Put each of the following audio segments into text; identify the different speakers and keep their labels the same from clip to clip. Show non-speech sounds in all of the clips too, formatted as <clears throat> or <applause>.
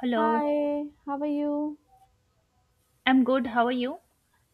Speaker 1: Hello,
Speaker 2: Hi, how are you?
Speaker 1: I'm good. How are you?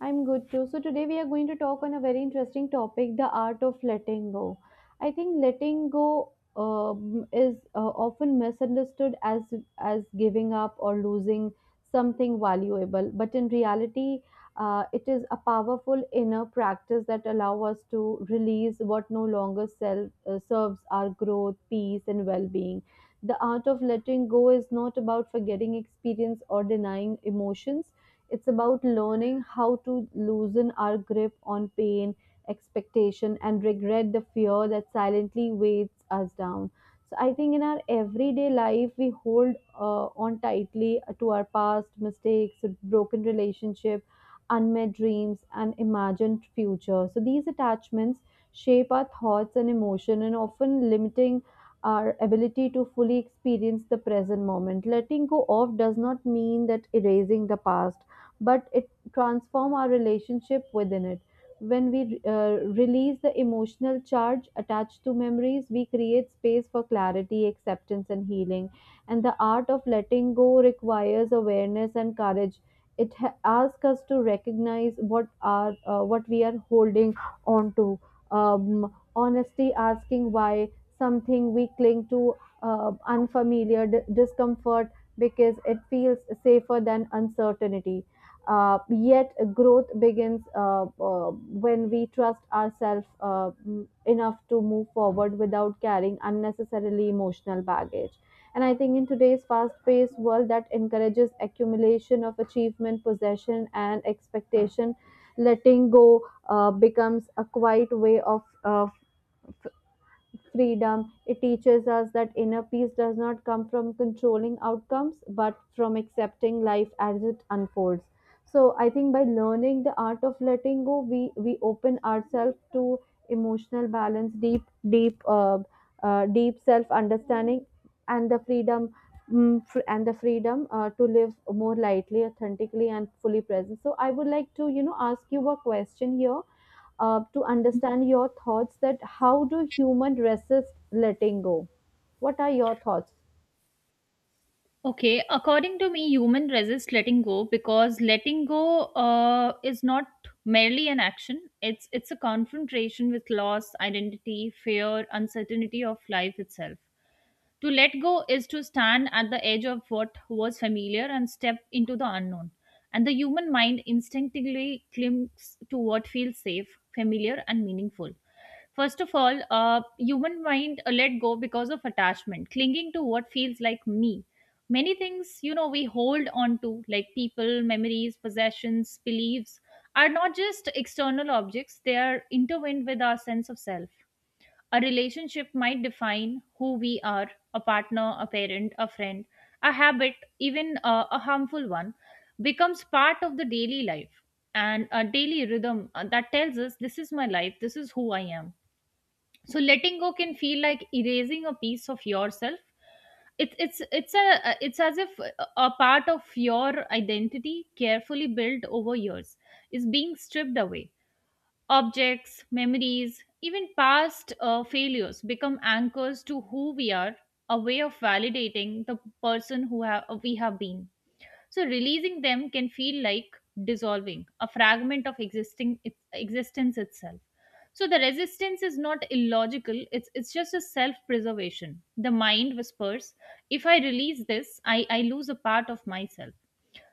Speaker 2: I'm good too. So, today we are going to talk on a very interesting topic the art of letting go. I think letting go is often misunderstood as giving up or losing something valuable, but in reality, it is a powerful inner practice that allow us to release what no longer serves our growth, peace, and well being. The art of letting go is not about forgetting experience or denying emotions, it's about learning how to loosen our grip on pain, expectation, and regret, the fear that silently weighs us down. So, I think in our everyday life, we hold on tightly to our past mistakes, broken relationship, unmet dreams, and imagined future. So, these attachments shape our thoughts and emotion and often limiting our ability to fully experience the present moment. Letting go of does not mean that erasing the past, but it transforms our relationship within it. When we release the emotional charge attached to memories, we create space for clarity, acceptance, and healing. And the art of letting go requires awareness and courage. It asks us to recognize what we are holding on to, honesty asking why something we cling to, unfamiliar discomfort, because it feels safer than uncertainty. Yet growth begins when we trust ourselves enough to move forward without carrying unnecessarily emotional baggage. And I think in today's fast paced world that encourages accumulation of achievement, possession, and expectation, letting go becomes a quiet way of freedom. It teaches us that inner peace does not come from controlling outcomes, but from accepting life as it unfolds. So I think by learning the art of letting go, we open ourselves to emotional balance, deep, uh, deep self understanding, and the freedom mm, fr- and the freedom to live more lightly, authentically, and fully present. So, I would like to ask you a question here to understand your thoughts. That how do human resist letting go? What are your thoughts?
Speaker 1: Okay, according to me, human resist letting go because letting go is not merely an action. It's a confrontation with loss, identity, fear, uncertainty of life itself. To let go is to stand at the edge of what was familiar and step into the unknown. And the human mind instinctively clings to what feels safe, familiar, and meaningful. First of all, human mind let go because of attachment, clinging to what feels like me. Many things, you know, we hold on to, like people, memories, possessions, beliefs, are not just external objects, they are intertwined with our sense of self. A relationship might define who we are, a partner, a parent, a friend, a habit, even a harmful one becomes part of the daily life and a daily rhythm that tells us this is my life, this is who I am. So letting go can feel like erasing a piece of yourself. It's as if a part of your identity, carefully built over years, is being stripped away. Objects, memories, even past failures become anchors to who we are, a way of validating the person we have been. So releasing them can feel like dissolving a fragment of existing, its existence itself. So the resistance is not illogical, it's just a self-preservation. The mind whispers, if I release this, I lose a part of myself.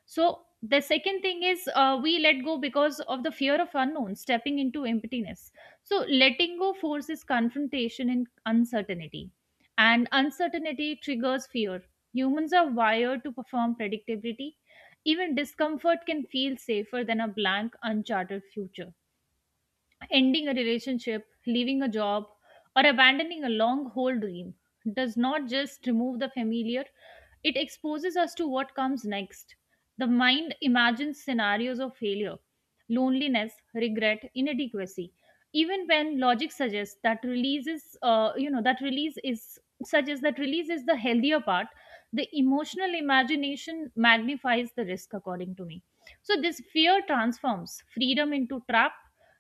Speaker 1: So the second thing is, we let go because of the fear of unknown, stepping into emptiness. So letting go forces confrontation and uncertainty triggers fear. Humans are wired to perform predictability. Even discomfort can feel safer than a blank, uncharted future. Ending a relationship, leaving a job, or abandoning a long haul dream does not just remove the familiar, it exposes us to what comes next. The mind imagines scenarios of failure, loneliness, regret, inadequacy, even when logic suggests that releases, you know, that release is suggests that release is the healthier part. The emotional imagination magnifies the risk, according to me. So this fear transforms freedom into trap,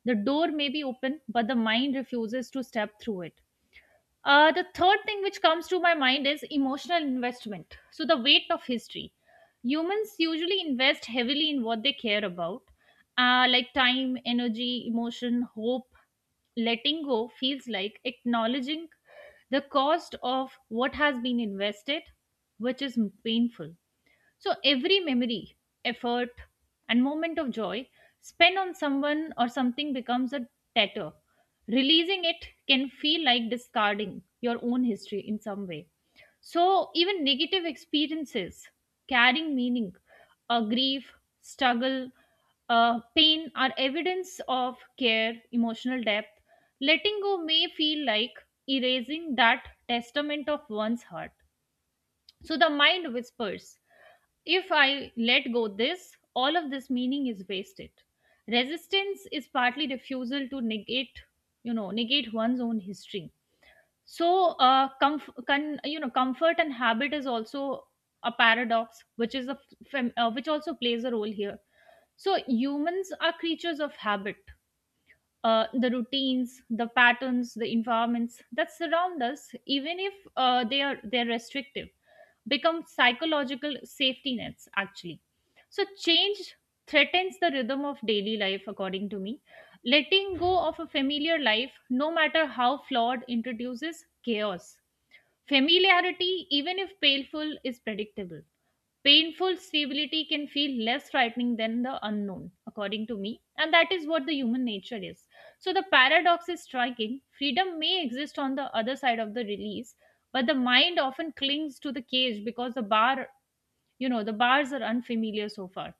Speaker 1: the door may be open, but the mind refuses to step through it. The third thing which comes to my mind is emotional investment. So, the weight of history. Humans usually invest heavily in what they care about, like time, energy, emotion, hope. Letting go feels like acknowledging the cost of what has been invested, which is painful. So every memory, effort, and moment of joy spent on someone or something becomes a tatter. Releasing it can feel like discarding your own history in some way. So even negative experiences carrying meaning, grief, struggle, pain are evidence of care, emotional depth. Letting go may feel like erasing that testament of one's heart. So the mind whispers, if I let go this, all of this meaning is wasted. Resistance is partly refusal to negate, you know, negate one's own history. So, you know, comfort and habit is also a paradox, which is a f- fem- which also plays a role here. So, humans are creatures of habit, the routines, the patterns, the environments that surround us, even if they're restrictive, become psychological safety nets actually. So change threatens the rhythm of daily life, according to me. Letting go of a familiar life, no matter how flawed, introduces chaos. Familiarity, even if painful, is predictable. Painful stability can feel less frightening than the unknown, according to me, and that is what the human nature is. So the paradox is striking. Freedom may exist on the other side of the release, but the mind often clings to the cage because the bar, you know, the bars are unfamiliar so far.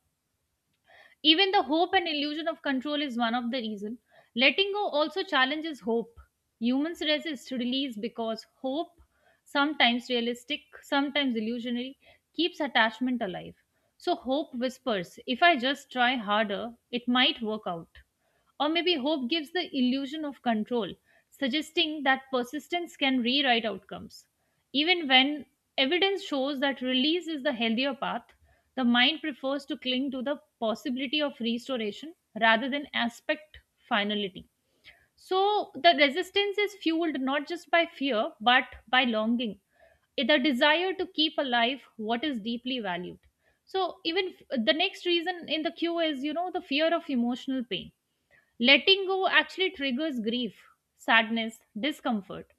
Speaker 1: Even the hope and illusion of control is one of the reason. Letting go also challenges hope. Humans resist release because hope, sometimes realistic, sometimes illusionary, keeps attachment alive. So hope whispers, if I just try harder, it might work out. Or maybe hope gives the illusion of control, suggesting that persistence can rewrite outcomes. Even when evidence shows that release is the healthier path, the mind prefers to cling to the possibility of restoration rather than aspect finality. So the resistance is fueled not just by fear but by longing, the desire to keep alive what is deeply valued. So the next reason in the queue is, you know, the fear of emotional pain. Letting go actually triggers grief, sadness, discomfort.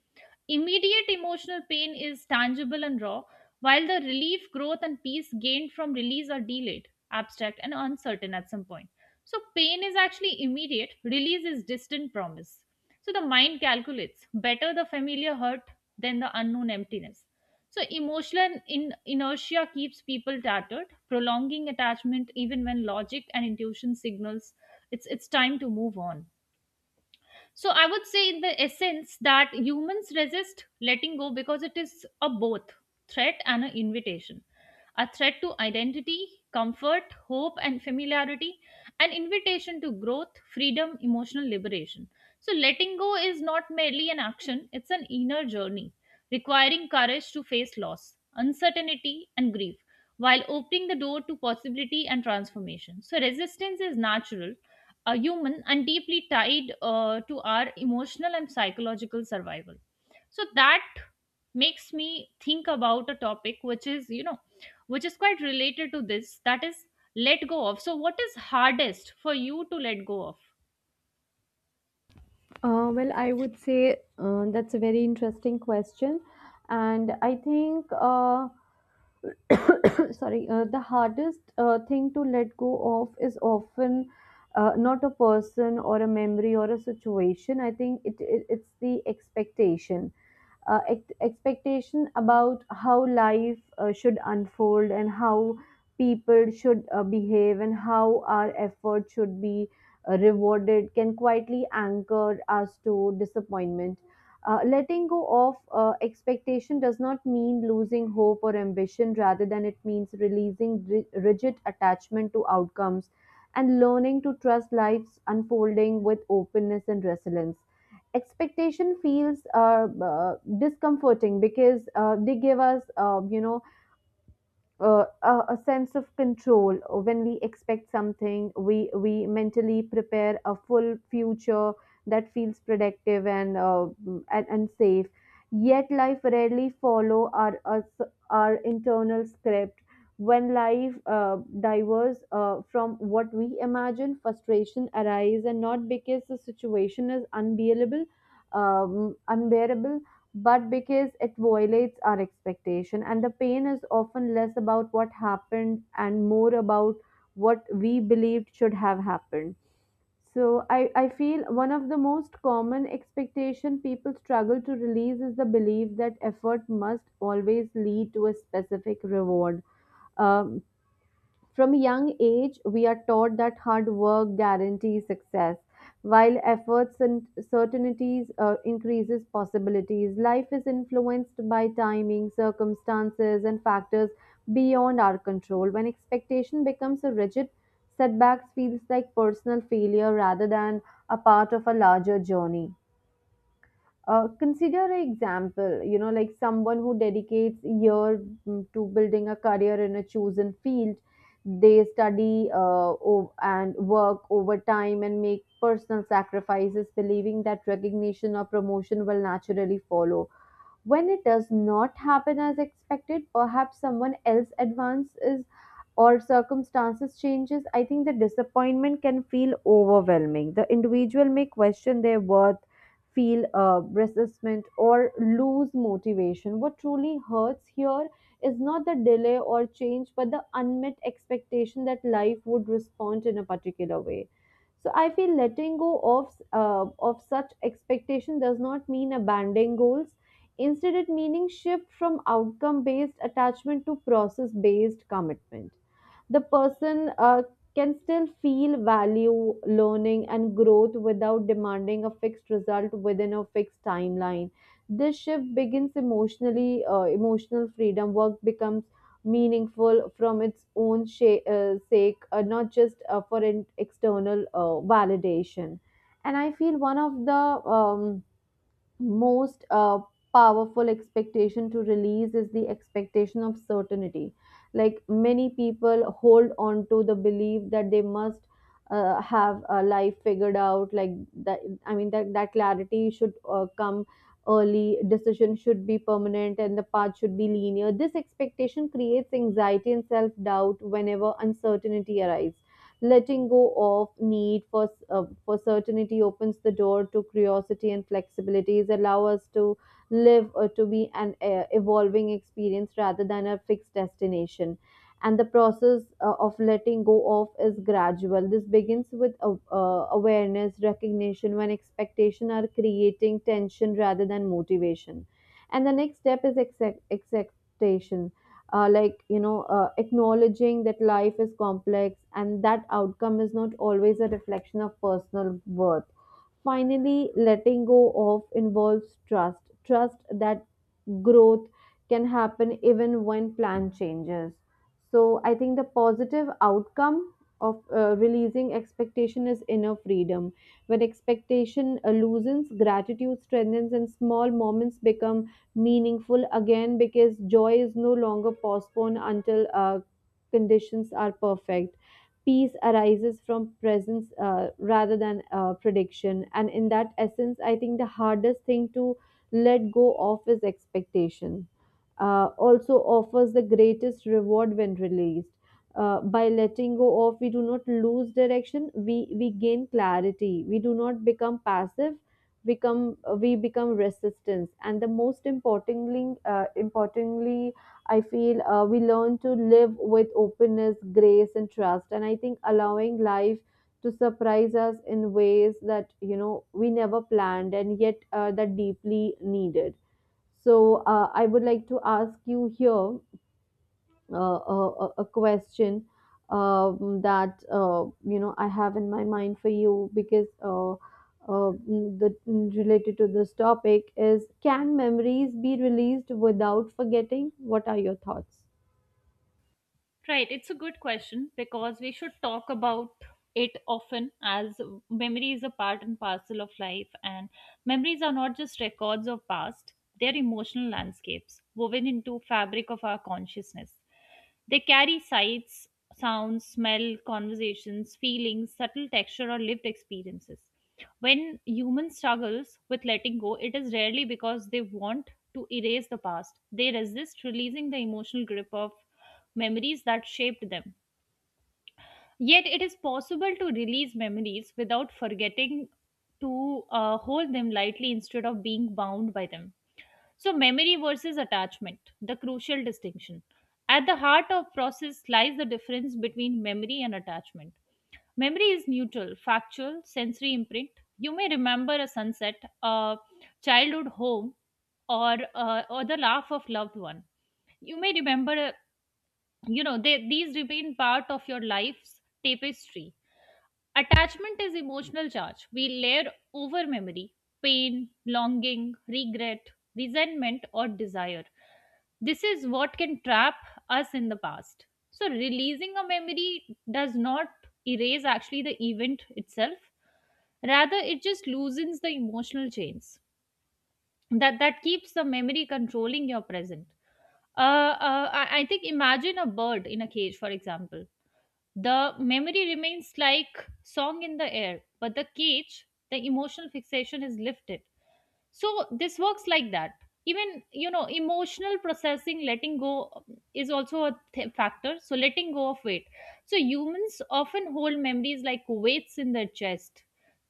Speaker 1: Immediate emotional pain is tangible and raw, while the relief, growth, and peace gained from release are delayed, abstract, and uncertain at some point. So, pain is actually immediate, release is distant promise. So, the mind calculates better the familiar hurt than the unknown emptiness. So emotional inertia keeps people tattered, prolonging attachment even when logic and intuition signals it's time to move on. So I would say in the essence that humans resist letting go because it is a both threat and an invitation, a threat to identity, comfort, hope, and familiarity, an invitation to growth, freedom, emotional liberation. So, letting go is not merely an action, it's an inner journey, requiring courage to face loss, uncertainty, and grief, while opening the door to possibility and transformation. So, resistance is natural, a human, and deeply tied to our emotional and psychological survival. So, that makes me think about a topic which is, you know, which is quite related to this, that is let go of. So what is hardest for you to let go of?
Speaker 2: Well, I would say that's a very interesting question, and I think. <coughs> Sorry, the hardest thing to let go of is often not a person or a memory or a situation. I think it's the expectation, expectation about how life should unfold and how people should behave and how our effort should be rewarded can quietly anchor us to disappointment. Letting go of expectation does not mean losing hope or ambition, rather than it means releasing rigid attachment to outcomes and learning to trust life's unfolding with openness and resilience. Expectation feels discomforting, because they give us a sense of control. When we expect something, we mentally prepare a full future that feels productive and safe. Yet life rarely follow our internal script. When life diverges from what we imagine, frustration arises, and not because the situation is unbearable but because it violates our expectation, and the pain is often less about what happened and more about what we believed should have happened. So I feel one of the most common expectation people struggle to release is the belief that effort must always lead to a specific reward. Um, from a young age, we are taught that hard work guarantees success, while efforts and certainties increases possibilities. Life is influenced by timing, circumstances, and factors beyond our control. When expectation becomes a rigid, setbacks feels like personal failure rather than a part of a larger journey. Consider an example, like someone who dedicates year to building a career in a chosen field. They study and work overtime and make personal sacrifices, believing that recognition or promotion will naturally follow. When it does not happen as expected, perhaps someone else advances or circumstances changes, I think the disappointment can feel overwhelming. The individual may question their worth, feel resentment, or lose motivation. What truly hurts here is not the delay or change, but the unmet expectation that life would respond in a particular way. So I feel letting go of such expectation does not mean abandoning goals. Instead, it meaning shift from outcome based attachment to process based commitment. The person can still feel value, learning, and growth without demanding a fixed result within a fixed timeline. This shift begins emotionally, emotional freedom. Work becomes meaningful from its own sake, not just for an external validation. And I feel one of the most powerful expectation to release is the expectation of certainty. Like many people hold on to the belief that they must have a life figured out. Like that, I mean that clarity should come early. Decision should be permanent, and the path should be linear. This expectation creates anxiety and self doubt whenever uncertainty arises. Letting go of need for certainty opens the door to curiosity and flexibility. It allow us to live or to be an evolving experience rather than a fixed destination. And the process of letting go of is gradual. This begins with awareness, recognition when expectation are creating tension rather than motivation. And the next step is acceptation, like, acknowledging that life is complex and that outcome is not always a reflection of personal worth. Finally, letting go of involves trust that growth can happen even when plan changes. So I think the positive outcome of releasing expectation is inner freedom. When expectation loosens, gratitude strengthens, and small moments become meaningful again, because joy is no longer postponed until conditions are perfect. Peace arises from presence, rather than prediction. And in that essence, I think the hardest thing to let go of his expectation. Also offers the greatest reward when released. By letting go of, we do not lose direction. We gain clarity. We do not become passive. Become we become resistance. And the most importantly, I feel we learn to live with openness, grace, and trust. And I think allowing life to surprise us in ways that we never planned, and yet that deeply needed. So I would like to ask you here uh, a, a question, that I have in my mind for you, because uh, the related to this topic is: can memories be released without forgetting? What are your thoughts?
Speaker 1: Right, it's a good question because we should talk about it often, as memory is a part and parcel of life, and memories are not just records of past, they're emotional landscapes woven into fabric of our consciousness. They carry sights, sounds, smell, conversations, feelings, subtle texture or lived experiences. When human struggles with letting go, it is rarely because they want to erase the past. They resist releasing the emotional grip of memories that shaped them. Yet it is possible to release memories without forgetting, to hold them lightly instead of being bound by them. So, memory versus attachment, the crucial distinction. At the heart of process lies the difference between memory and attachment. Memory is neutral, factual, sensory imprint. You may remember a sunset, a childhood home, or or the laugh of loved one. You may remember a, you know, they, these remain part of your life's tapestry. Attachment is emotional charge we layer over memory, pain, longing, regret, resentment, or desire. This is what can trap us in the past. So releasing a memory does not erase actually the event itself, rather it just loosens the emotional chains that keeps the memory controlling your present. I think imagine a bird in a cage, for example. The memory remains like song in the air, but the cage, the emotional fixation is lifted. So this works like that. Even, you know, emotional processing, letting go is also a factor. So letting go of weight. So humans often hold memories like weights in their chest,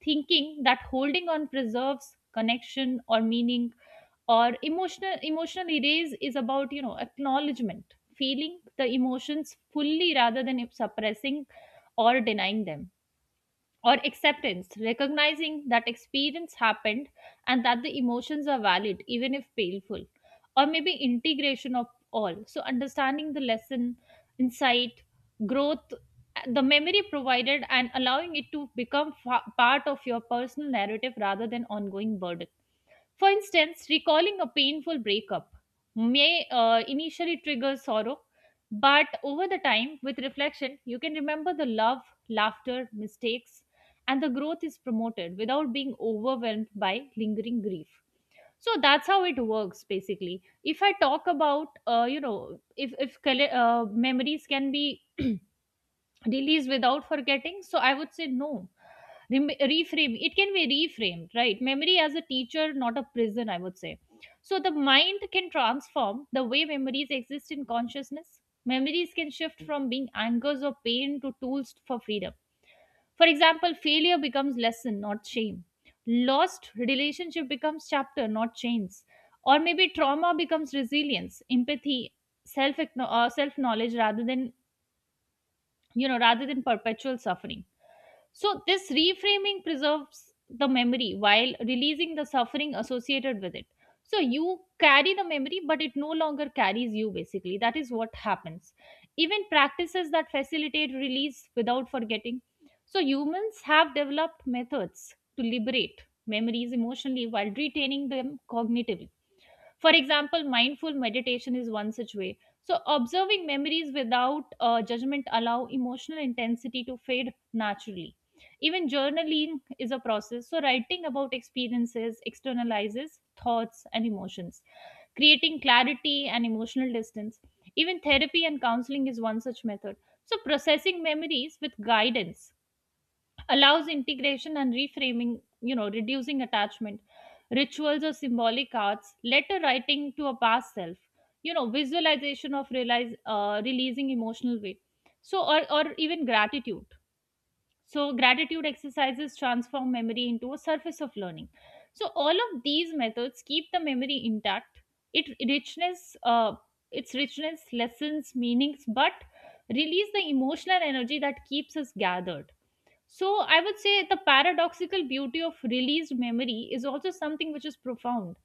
Speaker 1: thinking that holding on preserves connection or meaning, or emotional, emotional erase is about, you know, acknowledgement, feeling the emotions fully rather than suppressing or denying them, or acceptance, recognizing that experience happened and that the emotions are valid even if painful, or maybe integration of all, so understanding the lesson, insight, growth the memory provided, and allowing it to become part of your personal narrative rather than ongoing burden. For instance, recalling a painful breakup may initially trigger sorrow, but over the time, with reflection, you can remember the love, laughter, mistakes, and the growth is promoted without being overwhelmed by lingering grief. So that's how it works, basically. If I talk about, you know, if memories can be release without forgetting, so I would say no. Reframe, it can be reframed, right, memory as a teacher not a prison, I would say. So the mind can transform the way memories exist in consciousness. Memories can shift from being angers or pain to tools for freedom. For example, failure becomes lesson not shame, lost relationship becomes chapter not chains, or maybe trauma becomes resilience, empathy, self, self knowledge rather than, you know, rather than perpetual suffering. So, this reframing preserves the memory while releasing the suffering associated with it. So, you carry the memory, but it no longer carries you, basically. That is what happens. Even practices that facilitate release without forgetting. So, humans have developed methods to liberate memories emotionally while retaining them cognitively. For example, mindful meditation is one such way. So, observing memories without judgment allow emotional intensity to fade naturally. Even journaling is a process. So, writing about experiences externalizes thoughts and emotions, creating clarity and emotional distance. Even therapy and counseling is one such method. So, processing memories with guidance allows integration and reframing, you know, reducing attachment. Rituals or symbolic arts, letter writing to a past self, you know, visualization of realize, releasing emotional weight. So, or even gratitude. So, gratitude exercises transform memory into a surface of learning. So, all of these methods keep the memory intact. It richness, its richness, lessons, meanings, but release the emotional energy that keeps us gathered. So I would say the paradoxical beauty of released memory is also something which is profound.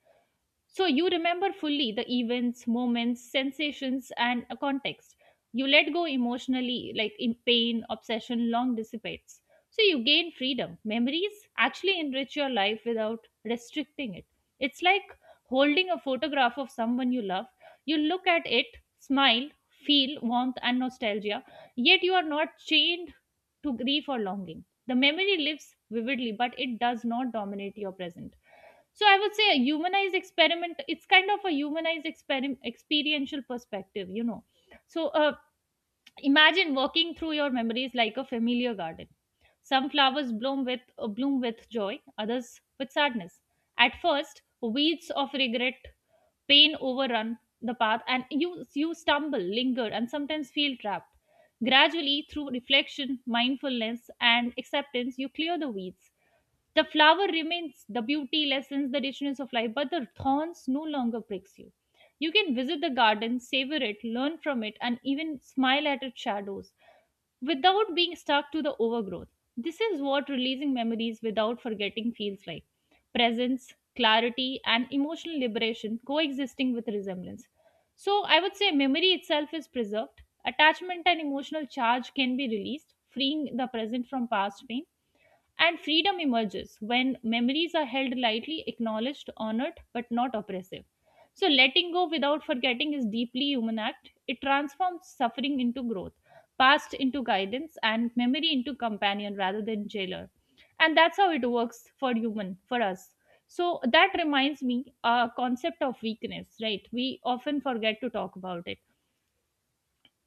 Speaker 1: So you remember fully the events, moments, sensations, and a context. You let go emotionally, like in pain, obsession, long dissipates. So you gain freedom. Memories actually enrich your life without restricting it. It's like holding a photograph of someone you love. You look at it, smile, feel warmth and nostalgia, yet you are not chained to grief or longing. The memory lives vividly, but it does not dominate your present. So I would say a humanized experiment, it's kind of a humanized experiment experiential perspective, you know. So imagine walking through your memories like a familiar garden. Some flowers bloom with joy, others with sadness. At first, weeds of regret, pain overrun the path, and you stumble, linger, and sometimes feel trapped. Gradually, through reflection, mindfulness, and acceptance, you clear the weeds. The flower remains, the beauty lessens the richness of life, but the thorns no longer pricks you. You can visit the garden, savor it, learn from it, and even smile at its shadows without being stuck to the overgrowth. This is what releasing memories without forgetting feels like: presence, clarity, and emotional liberation coexisting with resemblance. So, I would say memory itself is preserved, attachment and emotional charge can be released, freeing the present from past pain, and freedom emerges when memories are held lightly, acknowledged, honored, but not oppressive. So, letting go without forgetting is deeply human act. It transforms suffering into growth, past into guidance, and memory into companion rather than jailer. And that's how it works for human, for us. So that reminds me, a concept of weakness, right? We often forget to talk about it.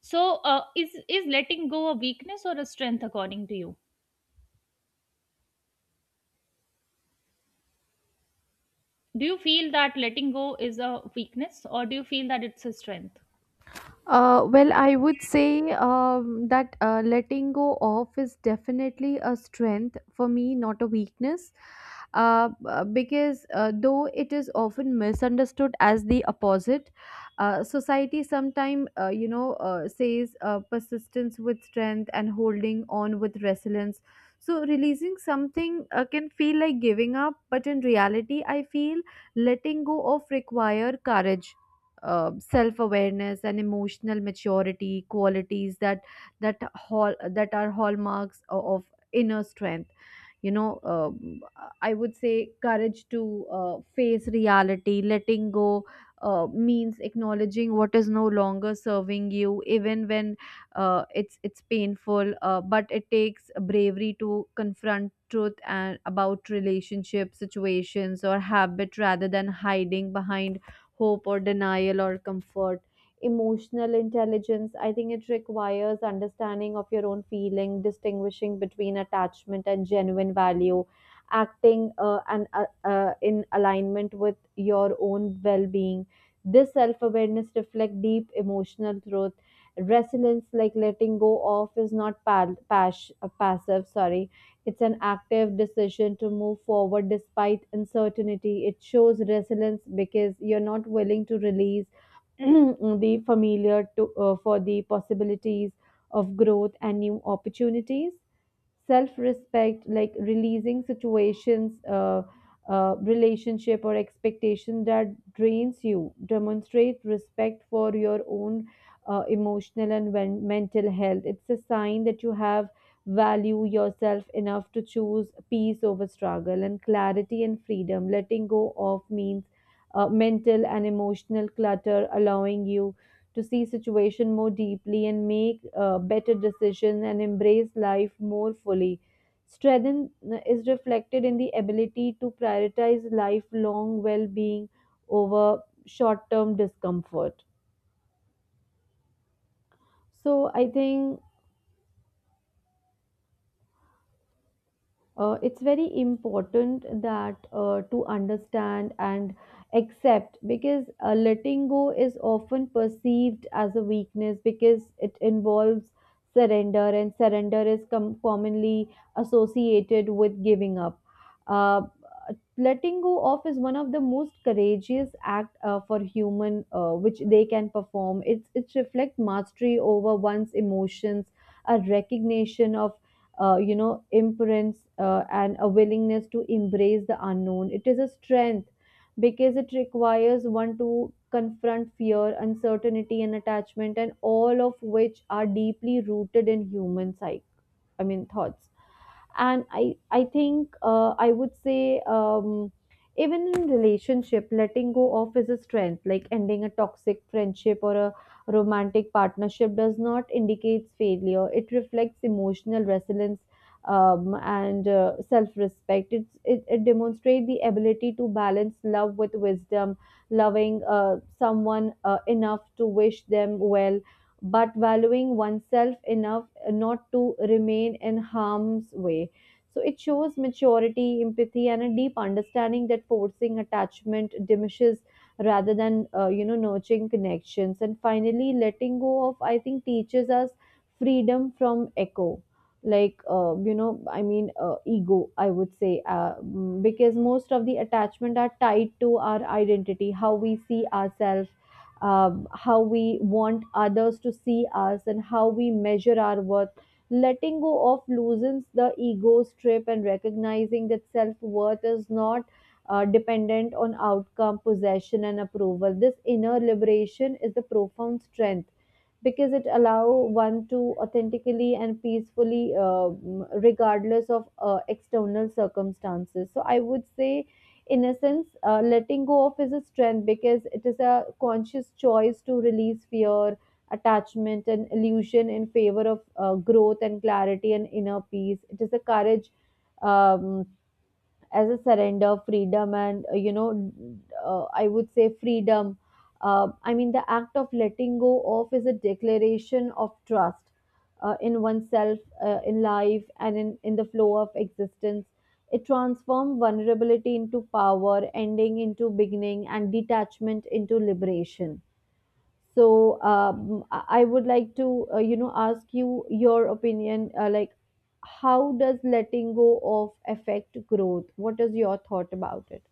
Speaker 1: So, is letting go a weakness or a strength according to you? Do you feel that letting go is a weakness or do you feel that it's a strength?
Speaker 2: Well, I would say that letting go off is definitely a strength for me, not a weakness. Because though it is often misunderstood as the opposite, society sometimes says persistence with strength and holding on with resilience. So releasing something can feel like giving up, but in reality, I feel letting go off require courage, self-awareness, and emotional maturity, qualities that are hallmarks of inner strength. you know uh, I would say courage to face reality. Letting go means acknowledging what is no longer serving you, even when it's painful, but it takes bravery to confront truth and about relationship situations or habit rather than hiding behind hope or denial or comfort. Emotional intelligence, I think it requires understanding of your own feeling, distinguishing between attachment and genuine value, acting and in alignment with your own well-being. This self-awareness reflects deep emotional truth. Resilience, like, letting go off is not passive, sorry, it's an active decision to move forward despite uncertainty. It shows resilience because you're not willing to release <clears throat> the familiar for the possibilities of growth and new opportunities. Self-respect, like releasing situations, relationship or expectation that drains you demonstrate respect for your own emotional and mental health. It's a sign that you have value yourself enough to choose peace over struggle and clarity and freedom. Letting go of means mental and emotional clutter, allowing you to see situation more deeply and make better decisions and embrace life more fully. Strength is reflected in the ability to prioritize lifelong well-being over short-term discomfort. So I think it's very important that to understand and accept, because letting go is often perceived as a weakness because it involves surrender, and surrender is commonly associated with giving up. uh, Letting go off is one of the most courageous act for human which they can perform. It reflects mastery over one's emotions, a recognition of imprints, and a willingness to embrace the unknown. It is a strength because it requires one to confront fear, uncertainty, and attachment, and all of which are deeply rooted in human psyche. I mean, thoughts. And I think I would say, even in relationship letting go of is a strength, like ending a toxic friendship or a romantic partnership does not indicate failure. It reflects emotional resilience, and self-respect. It demonstrates the ability to balance love with wisdom, loving someone enough to wish them well, but valuing oneself enough not to remain in harm's way. So it shows maturity, empathy, and a deep understanding that forcing attachment diminishes rather than nurturing connections. And finally, letting go of, I think, teaches us freedom from echo, like, I mean ego, I would say. Because most of the attachment are tied to our identity, how we see ourselves, how we want others to see us, and how we measure our worth. Letting go of loosens the ego strip and recognizing that self-worth is not dependent on outcome, possession, and approval. This inner liberation is the profound strength because it allow one to authentically and peacefully, regardless of external circumstances. So I would say, in a sense, letting go of is a strength because it is a conscious choice to release fear. Attachment and illusion in favor of growth and clarity and inner peace. It is a courage, um, as a surrender, freedom and I would say freedom. I mean the act of letting go of is a declaration of trust, in oneself, in life, and in the flow of existence. It transforms vulnerability into power, ending into beginning, and detachment into liberation. So I would like to ask you your opinion, like, how does letting go of affect growth? What is your thought about it?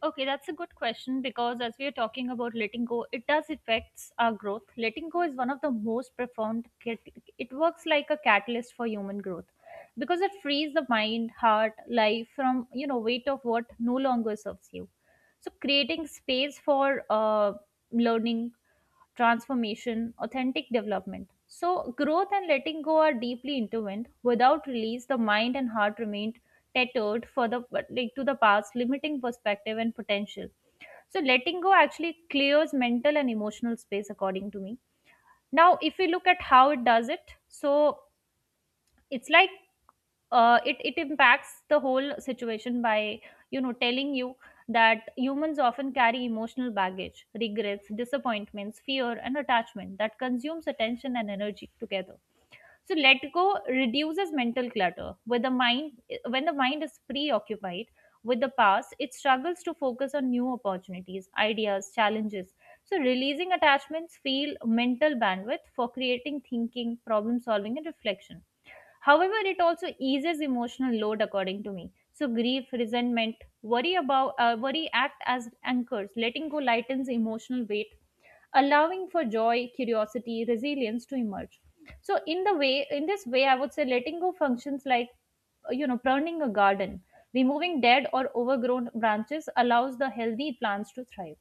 Speaker 1: Okay, that's a good question because as we are talking about letting go, it does affects our growth. Letting go is one of the most profound. It works like a catalyst for human growth because it frees the mind, heart, life from, you know, weight of what no longer serves you. So creating space for learning, transformation, authentic development. So growth and letting go are deeply intertwined. Without release, the mind and heart remain tethered for the like to the past, limiting perspective and potential. So letting go actually clears mental and emotional space according to me. Now if we look at how it does it, so it's like, it impacts the whole situation by, you know, telling you that humans often carry emotional baggage, regrets, disappointments, fear, and attachment that consumes attention and energy together. So let go reduces mental clutter with the mind. When the mind is preoccupied with the past, it struggles to focus on new opportunities, ideas, challenges. So releasing attachments feel mental bandwidth for creating thinking, problem solving, and reflection. However, it also eases emotional load according to me. So grief, resentment, worry act as anchors. Letting go lightens emotional weight, allowing for joy, curiosity, resilience to emerge. So in the way, in this way, I would say letting go functions like you know, pruning a garden. Removing dead or overgrown branches allows the healthy plants to thrive.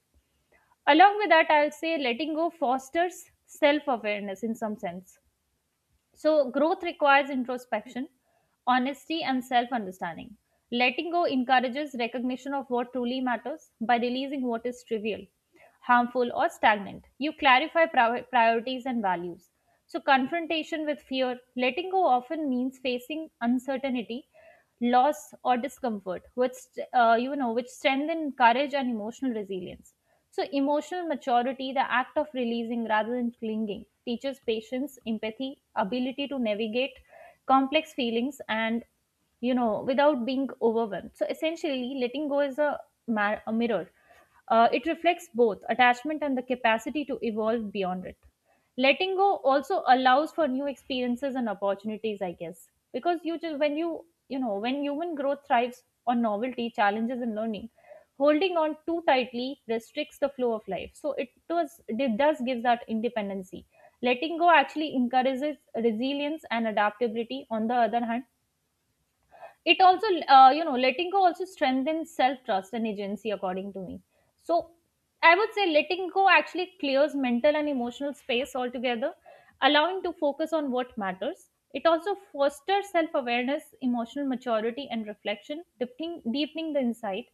Speaker 1: Along with that, I'll say letting go fosters self-awareness in some sense. So, growth requires introspection, honesty, and self understanding. Letting go encourages recognition of what truly matters by releasing what is trivial, harmful, or stagnant. You clarify priorities and values. So, confrontation with fear, letting go often means facing uncertainty, loss, or discomfort, which you know, which strengthen courage and emotional resilience. So, emotional maturity, the act of releasing rather than clinging, teaches patience, empathy, ability to navigate complex feelings, and you know, without being overwhelmed. So, essentially, letting go is a a mirror. Uh, it reflects both attachment and the capacity to evolve beyond it. Letting go also allows for new experiences and opportunities, I guess, because you just when you know, when human growth thrives on novelty, challenges, and learning, holding on too tightly restricts the flow of life. So it does give that independency. Letting go actually encourages resilience and adaptability. On the other hand, it also you know, letting go also strengthens self trust and agency according to me. So I would say letting go actually clears mental and emotional space altogether, allowing to focus on what matters. It also fosters self awareness, emotional maturity, and reflection deepening, deepening the insight.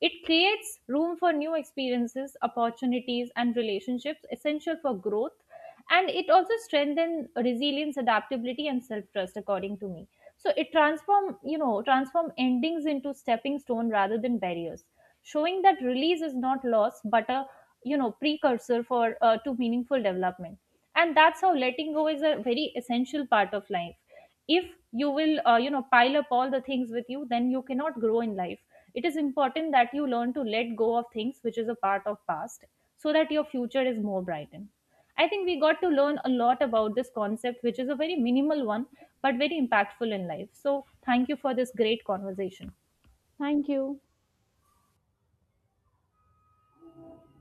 Speaker 1: It creates room for new experiences, opportunities, and relationships essential for growth, and it also strengthens resilience, adaptability, and self trust according to me. So it transform, you know, transform endings into stepping stone rather than barriers, showing that release is not loss but a, you know, precursor for to meaningful development. And that's how letting go is a very essential part of life. If you will, you know, pile up all the things with you, then you cannot grow in life. It is important that you learn to let go of things which is a part of past so that your future is more brightened. I think we got to learn a lot about this concept which is a very minimal one, but very impactful in life. So thank you for this great conversation.
Speaker 2: Thank you.